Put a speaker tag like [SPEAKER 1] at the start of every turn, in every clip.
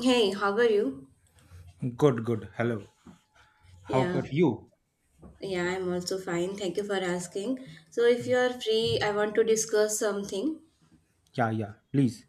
[SPEAKER 1] Hey, how are you?
[SPEAKER 2] Good, good. Hello. How
[SPEAKER 1] Yeah,
[SPEAKER 2] about you?
[SPEAKER 1] yeah, I'm also fine. Thank you for asking. So, if you are free, I want to discuss something.
[SPEAKER 2] Yeah, yeah, please.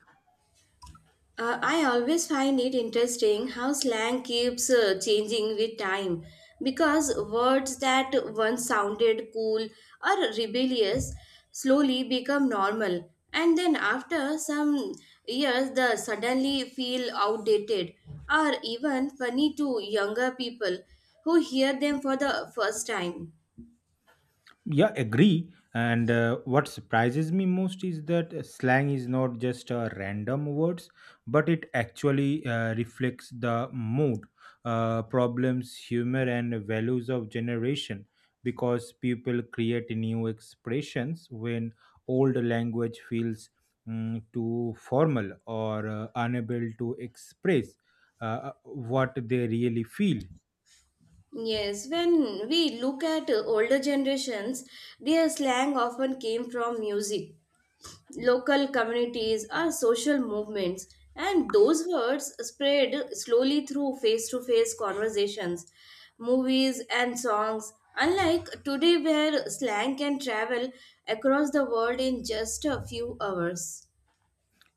[SPEAKER 1] I always find it interesting how slang keeps changing with time because words that once sounded cool or rebellious slowly become normal, and then after some years, they suddenly feel outdated or even funny to younger people who hear them for the first time.
[SPEAKER 2] Yeah, agree. And what surprises me most is that slang is not just random words, but it actually reflects the mood, problems, humor, and values of generation. Because people create new expressions when old language feels too formal or unable to express what they really feel.
[SPEAKER 1] Yes, when we look at older generations, their slang often came from music, local communities, or social movements, and those words spread slowly through face to face conversations, movies, and songs. Unlike today, where slang can travel across the world in just a few hours.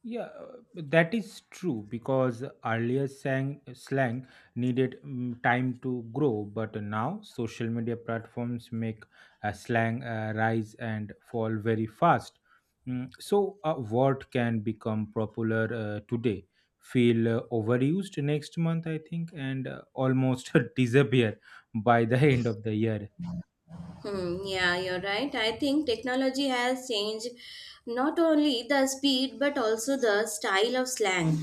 [SPEAKER 2] Yeah, that is true because earlier slang needed time to grow, but now social media platforms make slang rise and fall very fast. So, a word can become popular today, feel overused next month, I think, and almost disappear by the end of the year.
[SPEAKER 1] Hmm, yeah, you're right. I think technology has changed not only the speed but also the style of slang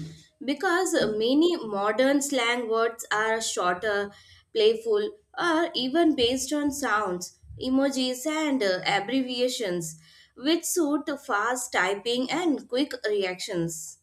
[SPEAKER 1] because many modern slang words are shorter, playful, or even based on sounds, emojis, and abbreviations which suit fast typing and quick reactions.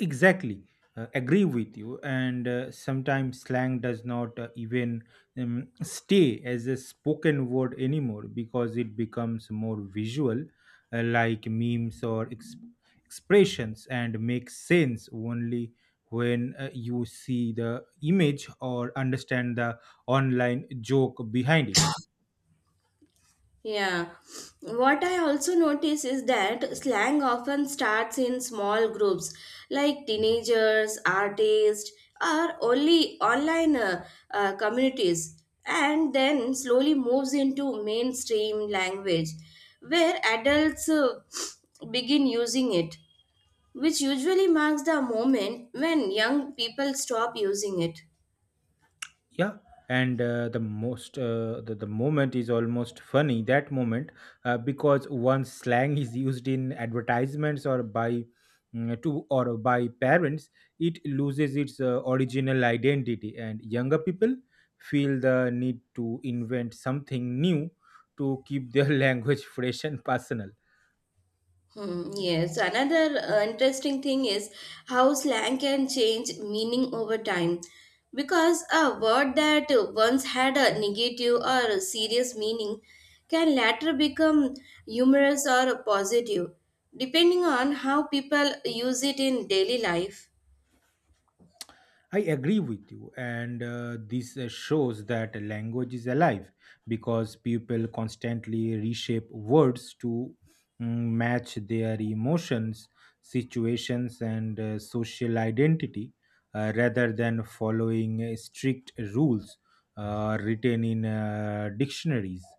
[SPEAKER 2] Exactly, agree with you. And sometimes slang does not even stay as a spoken word anymore because it becomes more visual, like memes or expressions, and makes sense only when you see the image or understand the online joke behind it.
[SPEAKER 1] Yeah. What I also notice is that slang often starts in small groups like teenagers, artists, or only online communities, and then slowly moves into mainstream language where adults begin using it, which usually marks the moment when young people stop using it.
[SPEAKER 2] Yeah, and the moment is almost funny that moment, because once slang is used in advertisements or by mm, to or by parents, it loses its original identity, and younger people feel the need to invent something new to keep their language fresh and personal.
[SPEAKER 1] Hmm, yes, another interesting thing is how slang can change meaning over time. Because a word that once had a negative or a serious meaning can later become humorous or positive, depending on how people use it in daily life.
[SPEAKER 2] I agree with you, and this shows that a language is alive because people constantly reshape words to match their emotions, situations, and social identity, rather than following strict rules written in dictionaries.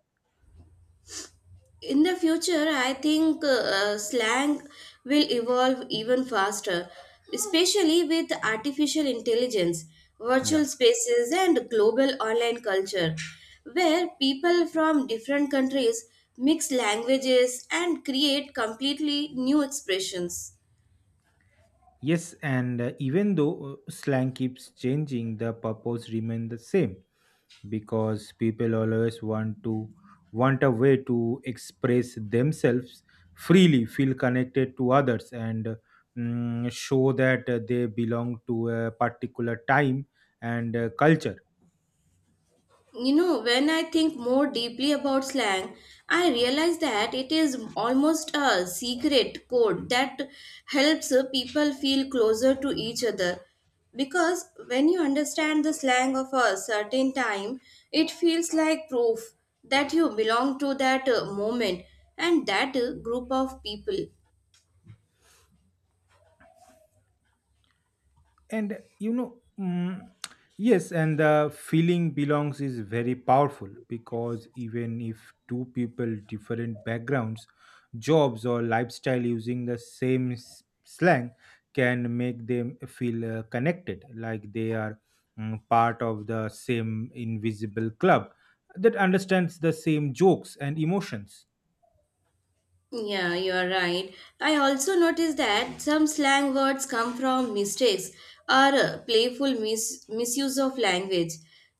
[SPEAKER 1] In the future, I think slang will evolve even faster, especially with artificial intelligence, virtual
[SPEAKER 2] Yeah.
[SPEAKER 1] spaces, and global online culture, where people from different countries mix languages and create completely new expressions.
[SPEAKER 2] Yes, and even though slang keeps changing, the purpose remains the same because people always want a way to express themselves freely, feel connected to others, and show that they belong to a particular time and culture.
[SPEAKER 1] You know, when I think more deeply about slang, I realize that it is almost a secret code that helps people feel closer to each other. Because when you understand the slang of a certain time, it feels like proof that you belong to that moment and that group of people.
[SPEAKER 2] And you know mm, Yes, and the feeling belongs is very powerful because even if two people different backgrounds, jobs, or lifestyle using the same slang can make them feel connected, like they are part of the same invisible club that understands the same jokes and emotions.
[SPEAKER 1] Yeah, you are right. I also noticed that some slang words come from mistakes or playful misuse of language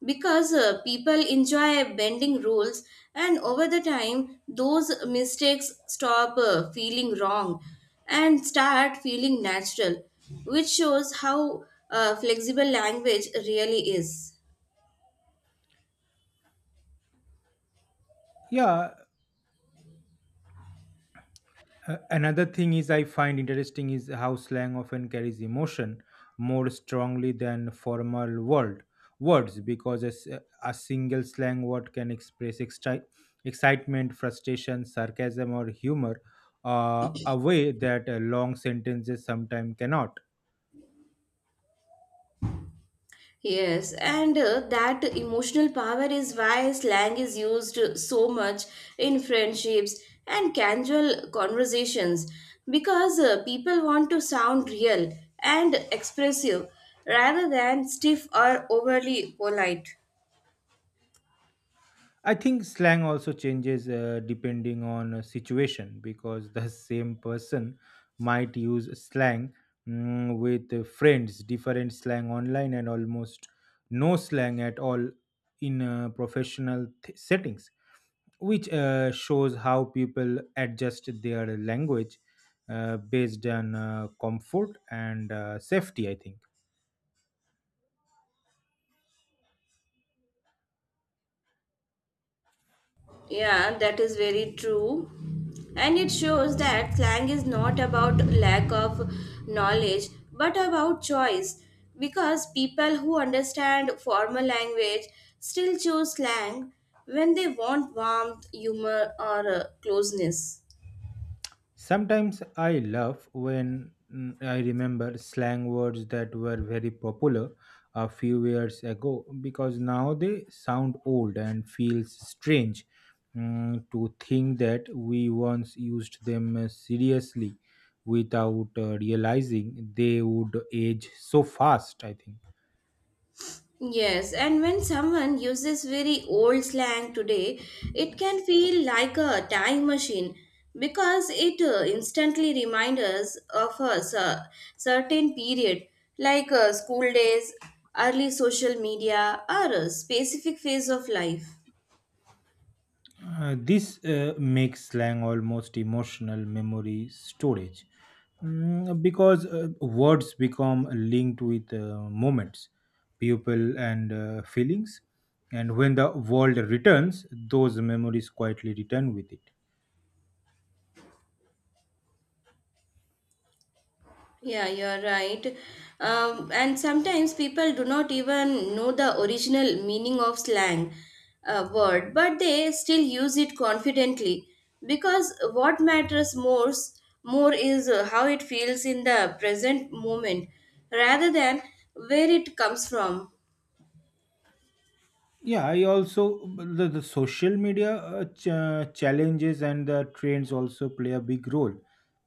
[SPEAKER 1] because people enjoy bending rules, and over the time, those mistakes stop feeling wrong and start feeling natural, which shows how flexible language really is.
[SPEAKER 2] Yeah. Another thing is I find interesting is how slang often carries emotion more strongly than formal words, because a single slang word can express excitement, frustration, sarcasm, or humor, a way that long sentences sometimes cannot.
[SPEAKER 1] Yes, and that emotional power is why slang is used so much in friendships and casual conversations because people want to sound real and expressive rather than stiff or overly polite.
[SPEAKER 2] I think slang also changes depending on a situation because the same person might use slang with friends, different slang online, and almost no slang at all in professional settings, which shows how people adjust their language based on comfort and safety, I think.
[SPEAKER 1] Yeah, that is very true. And it shows that slang is not about lack of knowledge but about choice because people who understand formal language still choose slang when they want warmth, humor, or closeness.
[SPEAKER 2] Sometimes I laugh when I remember slang words that were very popular a few years ago because now they sound old and feels strange, to think that we once used them seriously without realizing they would age so fast, I think.
[SPEAKER 1] Yes, and when someone uses very old slang today, it can feel like a time machine because it instantly reminds us of a certain period, like school days, early social media, or a specific phase of life.
[SPEAKER 2] This makes slang almost emotional memory storage, because words become linked with moments, people, and feelings. And when the world returns, those memories quietly return with it.
[SPEAKER 1] Yeah, you're right. And sometimes people do not even know the original meaning of slang word, but they still use it confidently because what matters more is how it feels in the present moment rather than where it comes from.
[SPEAKER 2] Yeah, I also, the social media challenges and the trends also play a big role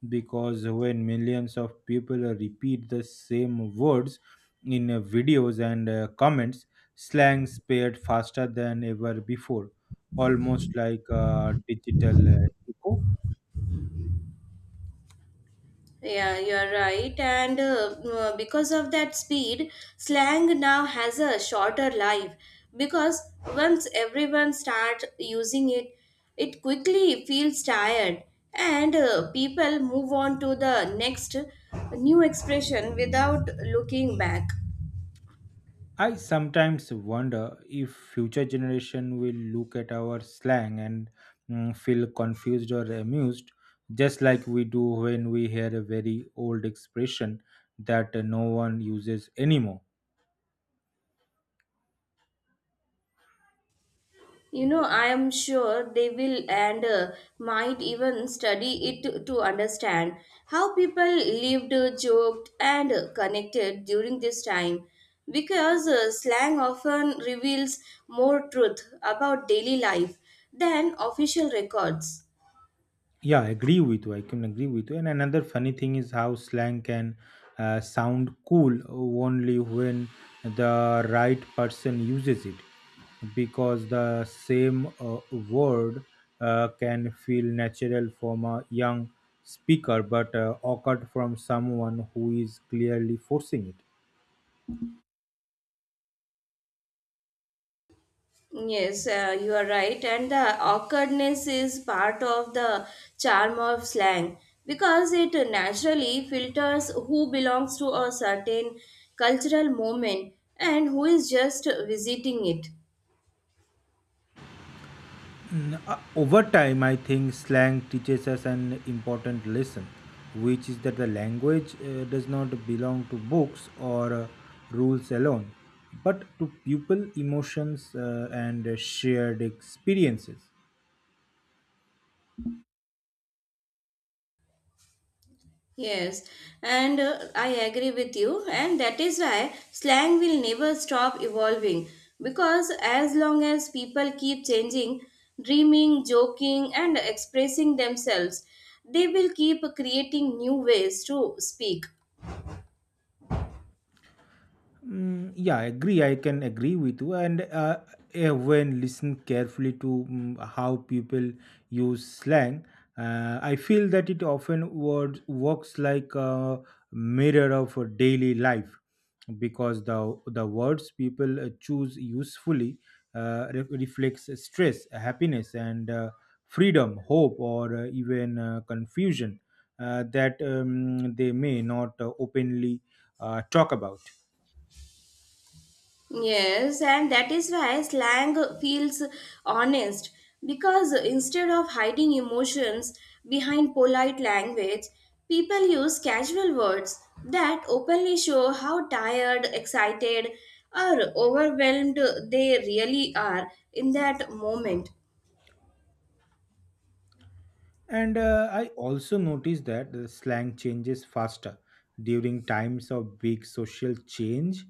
[SPEAKER 2] because when millions of people repeat the same words in videos and comments, slang spread faster than ever before, almost like a digital echo.
[SPEAKER 1] Yeah, you're right. And because of that speed, slang now has a shorter life because once everyone starts using it, it quickly feels tired and people move on to the next new expression without looking back.
[SPEAKER 2] I sometimes wonder if future generation will look at our slang and feel confused or amused, just like we do when we hear a very old expression that no one uses anymore.
[SPEAKER 1] You know, I am sure they will, and might even study it to understand how people lived, joked, and connected during this time. Because slang often reveals more truth about daily life than official records.
[SPEAKER 2] Yeah, I agree with you. I can agree with you. And another funny thing is how slang can sound cool only when the right person uses it, because the same word can feel natural from a young speaker but awkward from someone who is clearly forcing it.
[SPEAKER 1] Yes, you are right. And the awkwardness is part of the charm of slang because it naturally filters who belongs to a certain cultural moment and who is just visiting it.
[SPEAKER 2] Over time, I think slang teaches us an important lesson, which is that the language does not belong to books or rules alone, but to people, emotions, and shared experiences.
[SPEAKER 1] Yes, and I agree with you, and that is why slang will never stop evolving because as long as people keep changing, dreaming, joking, and expressing themselves, they will keep creating new ways to speak.
[SPEAKER 2] Yeah, I agree. I can agree with you. And when listen carefully to how people use slang, I feel that it often word works like a mirror of a daily life because the words people choose usefully reflects stress, happiness, and freedom, hope, or even confusion, that they may not openly talk about.
[SPEAKER 1] Yes, and that is why slang feels honest, because instead of hiding emotions behind polite language, people use casual words that openly show how tired, excited, or overwhelmed they really are in that moment.
[SPEAKER 2] And I also noticed that the slang changes faster during times of big social change,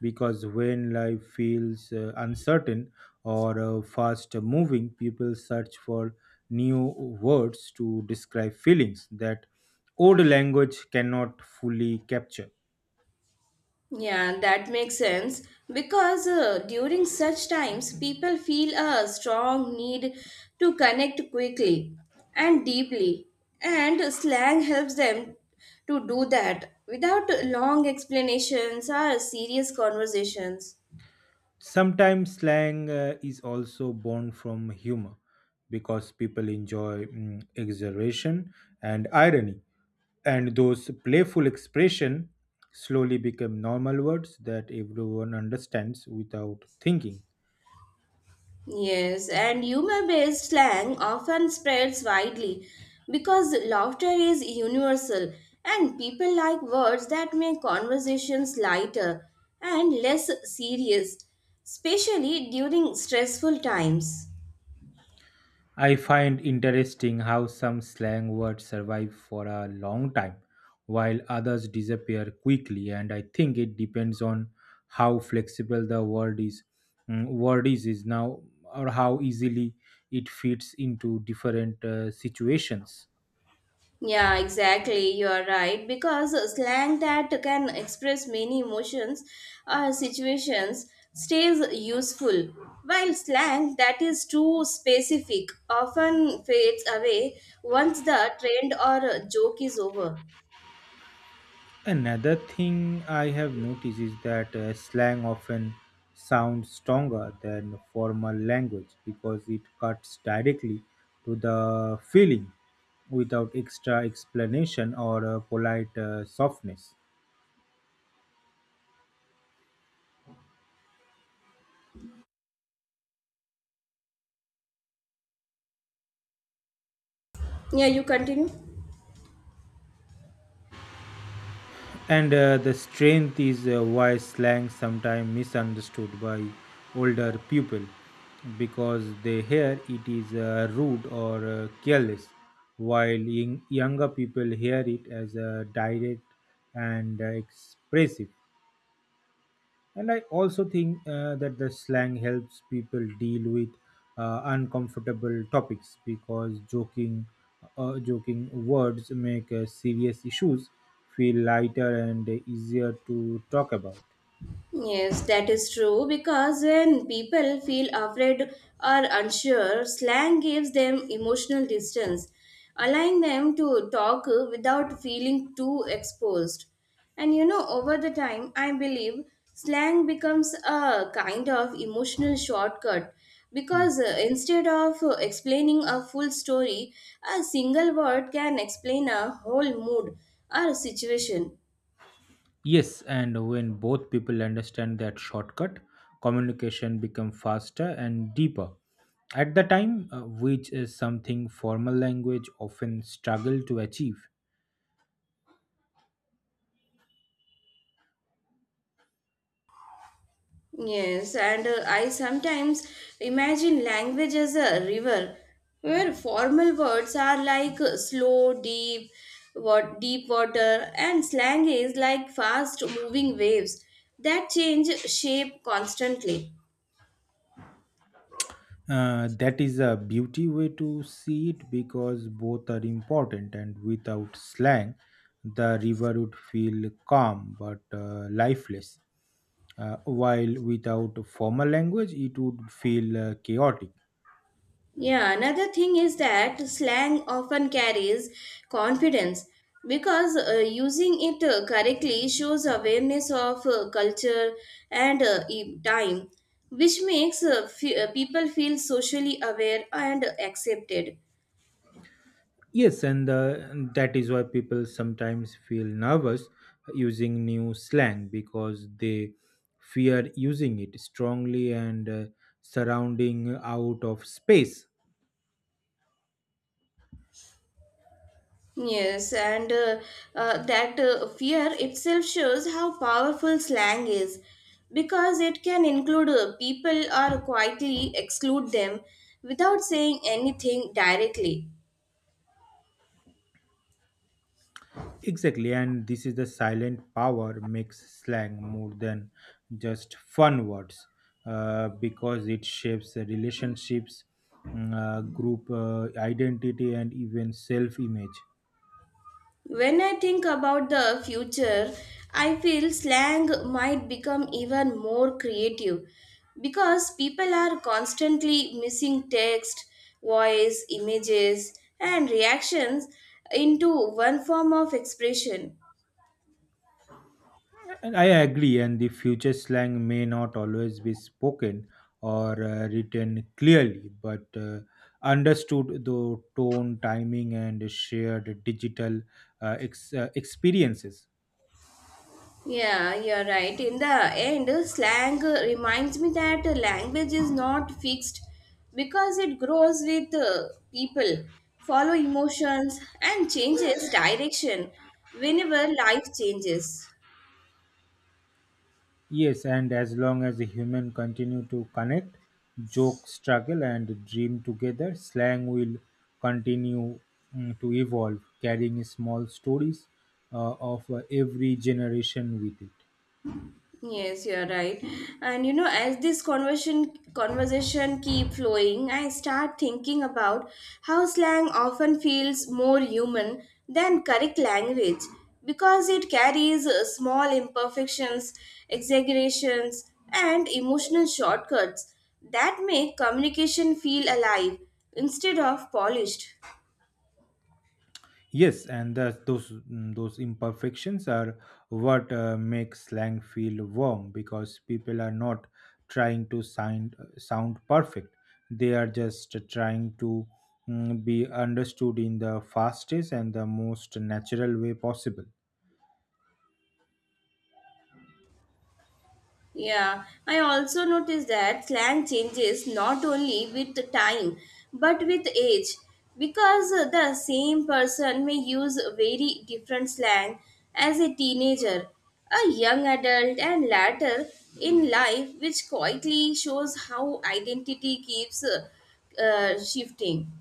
[SPEAKER 2] because when life feels uncertain or fast moving, people search for new words to describe feelings that old language cannot fully capture.
[SPEAKER 1] Yeah, that makes sense because during such times, people feel a strong need to connect quickly and deeply, and slang helps them to do that without long explanations or serious conversations.
[SPEAKER 2] Sometimes slang is also born from humor because people enjoy exaggeration and irony, and those playful expression slowly become normal words that everyone understands without thinking.
[SPEAKER 1] Yes, and humor based slang often spreads widely because laughter is universal and people like words that make conversations lighter and less serious, especially during stressful times.
[SPEAKER 2] I find interesting how some slang words survive for a long time while others disappear quickly, and I think it depends on how flexible the word is now, or how easily it fits into different situations.
[SPEAKER 1] Yeah, exactly. You are right. Because slang that can express many emotions or situations stays useful, while slang that is too specific often fades away once the trend or joke is over.
[SPEAKER 2] Another thing I have noticed is that slang often sounds stronger than formal language because it cuts directly to the feeling without extra explanation or polite softness.
[SPEAKER 1] Yeah, you continue.
[SPEAKER 2] And the strength is why slang sometimes misunderstood by older people because they hear it is rude or careless, while younger people hear it as direct and expressive. And I also think that the slang helps people deal with uncomfortable topics because joking words make serious issues feel lighter and easier to talk about.
[SPEAKER 1] Yes, that is true because when people feel afraid or unsure, slang gives them emotional distance, allowing them to talk without feeling too exposed. And you know, over the time, I believe slang becomes a kind of emotional shortcut
[SPEAKER 2] Hmm.
[SPEAKER 1] because instead of explaining a full story, a single word can explain a whole mood or situation.
[SPEAKER 2] Yes, and when both people understand that shortcut, communication becomes faster and deeper. At the time, which is something formal language often struggle to achieve.
[SPEAKER 1] Yes, and I sometimes imagine language as a river where formal words are like slow, deep, what deep water, and slang is like fast moving waves that change shape constantly.
[SPEAKER 2] That is a beauty way to see it because both are important, and without slang the river would feel calm but lifeless, while without formal language it would feel chaotic.
[SPEAKER 1] Yeah, another thing is that slang often carries confidence because using it correctly shows awareness of culture and time, which makes people feel socially aware and accepted.
[SPEAKER 2] Yes, and that is why people sometimes feel nervous using new slang because they fear using it strongly and surrounding out of space.
[SPEAKER 1] Yes, and that fear itself shows how powerful slang is because it can include people or quietly exclude them without saying anything directly.
[SPEAKER 2] Exactly, and this is the silent power makes slang more than just fun words, because it shapes the relationships, group identity, and even self image.
[SPEAKER 1] When I think about the future, I feel slang might become even more creative because people are constantly missing text, voice, images, and reactions into one form of expression.
[SPEAKER 2] And I agree, and the future slang may not always be spoken or written clearly, but understood through tone, timing, and shared digital experiences.
[SPEAKER 1] Yeah, you're right. In the end, slang reminds me that language is not fixed because it grows with people, follow emotions, and changes direction whenever life changes.
[SPEAKER 2] Yes, and as long as the human continue to connect, joke, struggle, and dream together, slang will continue to evolve, carrying small stories of every generation with it.
[SPEAKER 1] Yes, you're right. And you know, as this conversation keep flowing, I start thinking about how slang often feels more human than correct language because it carries small imperfections, exaggerations, and emotional shortcuts that make communication feel alive instead of polished.
[SPEAKER 2] Yes, and those imperfections are what makes slang feel warm because people are not trying to sound perfect. They are just trying to be understood in the fastest and the most natural way possible.
[SPEAKER 1] Yeah, I also noticed that slang changes not only with time but with age, because the same person may use very different slang as a teenager, a young adult, and later in life, which quietly shows how identity keeps shifting.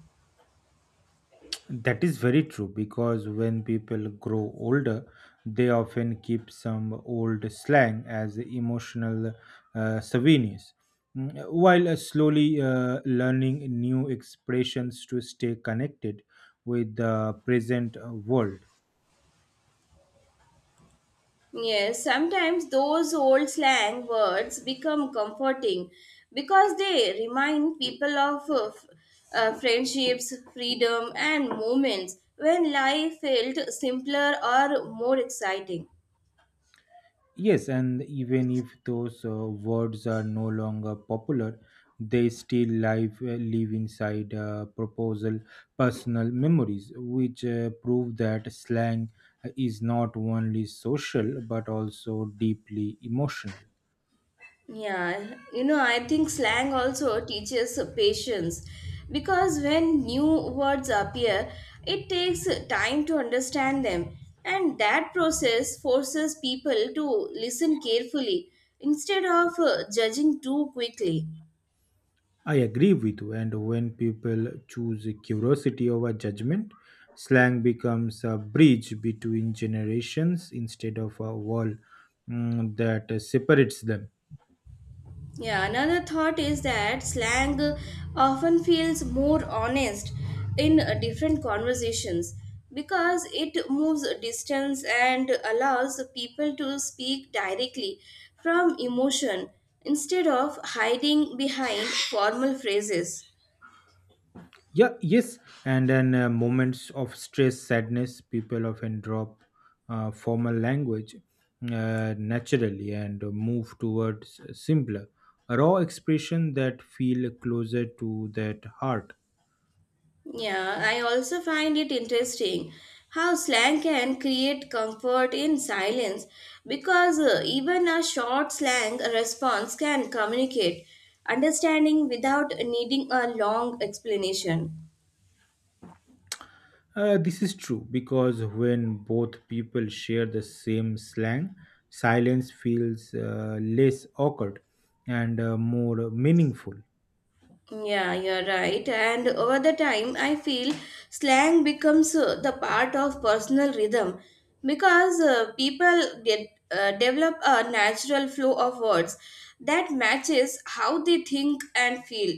[SPEAKER 2] That is very true because when people grow older, they often keep some old slang as emotional souvenirs, while slowly learning new expressions to stay connected with the present world.
[SPEAKER 1] Yes, sometimes those old slang words become comforting because they remind people of friendships, freedom, and moments when life felt simpler or more exciting.
[SPEAKER 2] Yes, and even if those words are no longer popular, they still live inside proposal personal memories, which prove that slang is not only social but also deeply emotional.
[SPEAKER 1] Yeah, you know, I think slang also teaches patience because when new words appear, it takes time to understand them, and that process forces people to listen carefully instead of judging too quickly.
[SPEAKER 2] I agree with you, and when people choose curiosity over judgment, slang becomes a bridge between generations instead of a wall that separates them.
[SPEAKER 1] Yeah, another thought is that slang often feels more honest in different conversations because it moves distance and allows people to speak directly from emotion instead of hiding behind formal phrases.
[SPEAKER 2] Yeah, yes. And then moments of stress, sadness, people often drop formal language naturally and move towards simpler, raw expression that feel closer to that heart.
[SPEAKER 1] Yeah, I also find it interesting how slang can create comfort in silence because even a short slang response can communicate understanding without needing a long explanation.
[SPEAKER 2] This is true because when both people share the same slang, silence feels less awkward and more meaningful.
[SPEAKER 1] Yeah, you're right. And over the time, I feel slang becomes the part of personal rhythm because people get develop a natural flow of words that matches how they think and feel.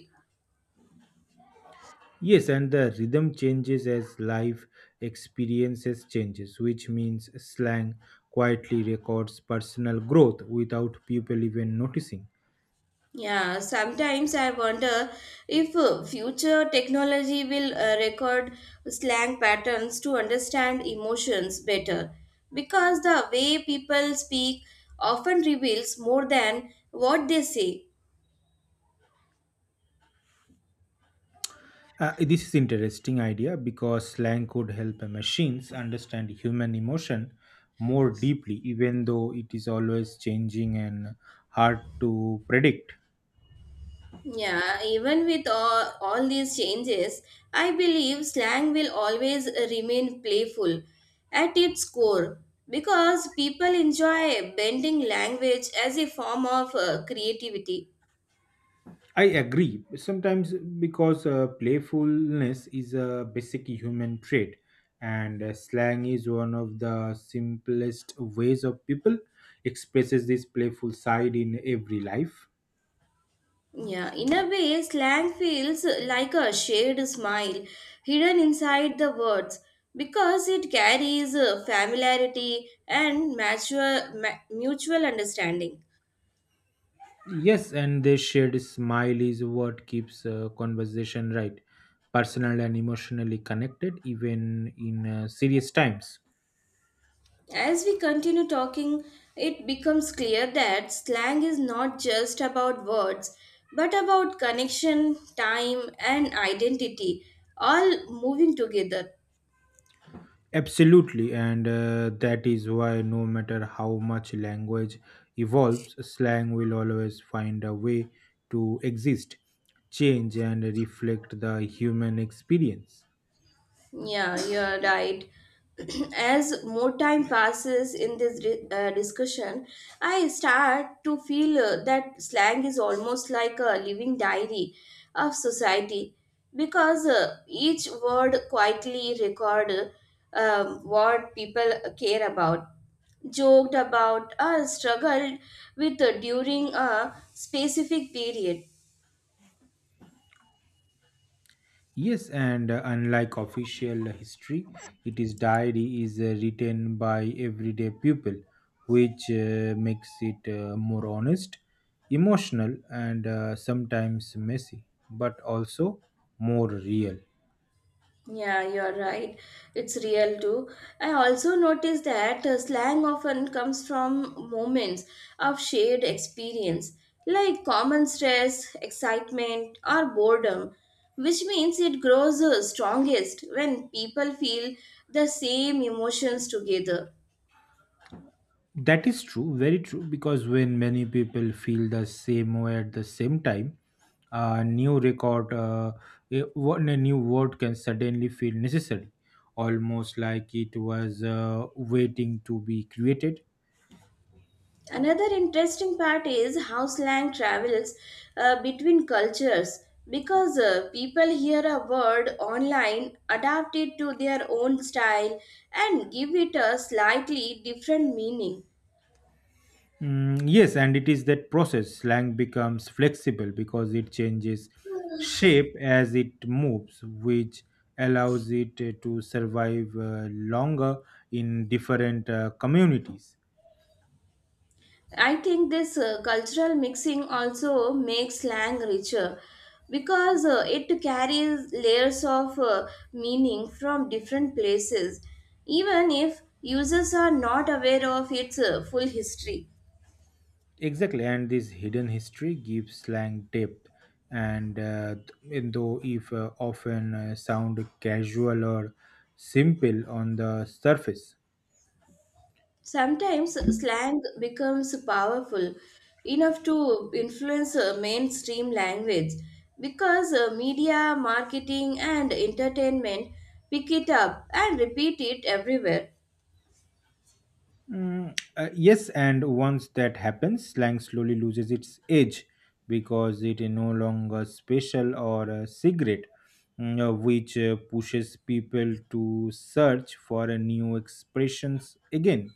[SPEAKER 2] Yes, and the rhythm changes as life experiences changes, which means slang quietly records personal growth without people even noticing.
[SPEAKER 1] Yeah, sometimes I wonder if future technology will record slang patterns to understand emotions better because the way people speak often reveals more than what they say.
[SPEAKER 2] This is interesting idea because slang could help machines understand human emotion more deeply, even though it is always changing and hard to predict.
[SPEAKER 1] Yeah, even with all these changes, I believe slang will always remain playful at its core because people enjoy bending language as a form of creativity.
[SPEAKER 2] I agree. Sometimes because playfulness is a basic human trait, and slang is one of the simplest ways of people expresses this playful side in every life.
[SPEAKER 1] Yeah, in a way, slang feels like a shared smile hidden inside the words because it carries familiarity and mutual understanding.
[SPEAKER 2] Yes, and the shared smile is what keeps conversation right, personal and emotionally connected, even in serious times.
[SPEAKER 1] As we continue talking, it becomes clear that slang is not just about words but about connection, time, and identity all moving together.
[SPEAKER 2] Absolutely, and that is why no matter how much language evolves, slang will always find a way to exist, change, and reflect the human experience.
[SPEAKER 1] Yeah, you're right. As more time passes in this discussion, I start to feel that slang is almost like a living diary of society because each word quietly record what people care about, joked about, or struggled with during a specific period.
[SPEAKER 2] Yes, and unlike official history, it is diary is written by everyday people, which makes it more honest, emotional, and sometimes messy, but also more real.
[SPEAKER 1] Yeah, you're right. It's real too. I also noticed that slang often comes from moments of shared experience, like common stress, excitement, or boredom, which means it grows strongest when people feel the same emotions together.
[SPEAKER 2] That is true, very true, because when many people feel the same way at the same time, a new record, a, one- a new word can suddenly feel necessary, almost like it was waiting to be created.
[SPEAKER 1] Another interesting part is how slang travels between cultures because people hear a word online, adapt it to their own style, and give it a slightly different meaning.
[SPEAKER 2] Yes, and it is that process. Slang becomes flexible because it changes shape as it moves, which allows it to survive longer in different communities.
[SPEAKER 1] I think this cultural mixing also makes slang richer because it carries layers of meaning from different places, even if users are not aware of its full history.
[SPEAKER 2] Exactly, and this hidden history gives slang depth, and though if often sound casual or simple on the surface.
[SPEAKER 1] Sometimes slang becomes powerful enough to influence mainstream language because media, marketing, and entertainment pick it up and repeat it everywhere.
[SPEAKER 2] Yes, and once that happens, slang slowly loses its edge because it is no longer special or secret, which pushes people to search for new expressions again.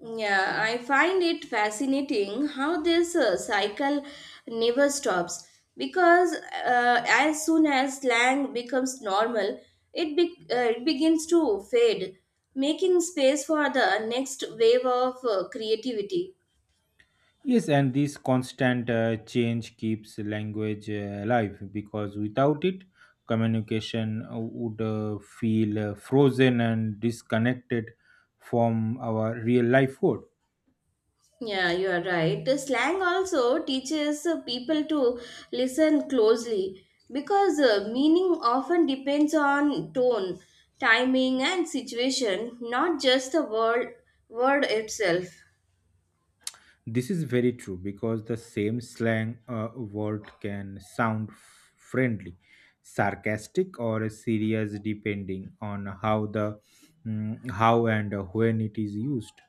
[SPEAKER 1] Yeah, I find it fascinating how this cycle never stops because as soon as slang becomes normal, it begins to fade, making space for the next wave of creativity.
[SPEAKER 2] Yes, and this constant change keeps language alive because without it, communication would feel frozen and disconnected from our real life world.
[SPEAKER 1] Yeah, you are right. The slang also teaches people to listen closely because meaning often depends on tone, timing, and situation, not just the word itself.
[SPEAKER 2] This is very true because the same slang word can sound friendly, sarcastic, or serious depending on how and when it is used.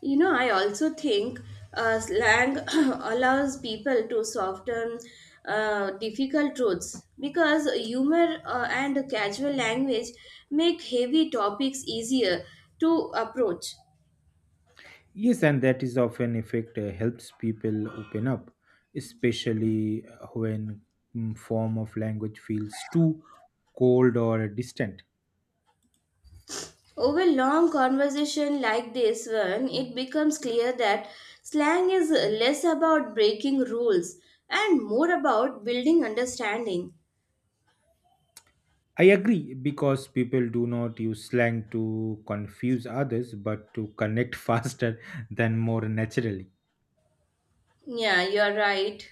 [SPEAKER 1] You know, I also think slang allows people to soften difficult truths because humor and casual language make heavy topics easier to approach.
[SPEAKER 2] Yes, and that is often effect helps people open up, especially when form of language feels too cold or distant.
[SPEAKER 1] Over long conversation like this one, it becomes clear that slang is less about breaking rules and more about building understanding.
[SPEAKER 2] I agree because people do not use slang to confuse others, but to connect faster than more naturally.
[SPEAKER 1] Yeah, you're right.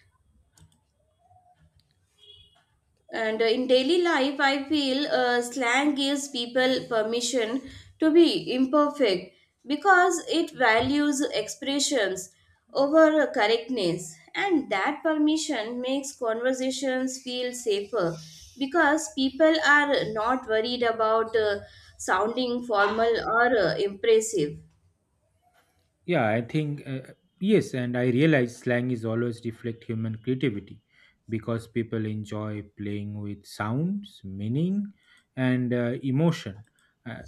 [SPEAKER 1] And in daily life, I feel slang gives people permission to be imperfect because it values expressions over correctness. And that permission makes conversations feel safer because people are not worried about sounding formal or impressive.
[SPEAKER 2] Yeah, I think, yes, and I realize slang is always reflect human creativity because people enjoy playing with sounds, meaning, and emotion. Uh,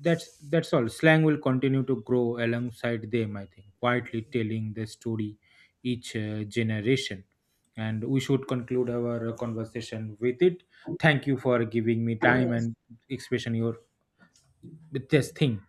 [SPEAKER 2] that's all. Slang will continue to grow alongside them, I think, quietly telling the story each generation, and we should conclude our conversation with it. Thank you for giving me time
[SPEAKER 1] Yes.
[SPEAKER 2] and expression your with this thing.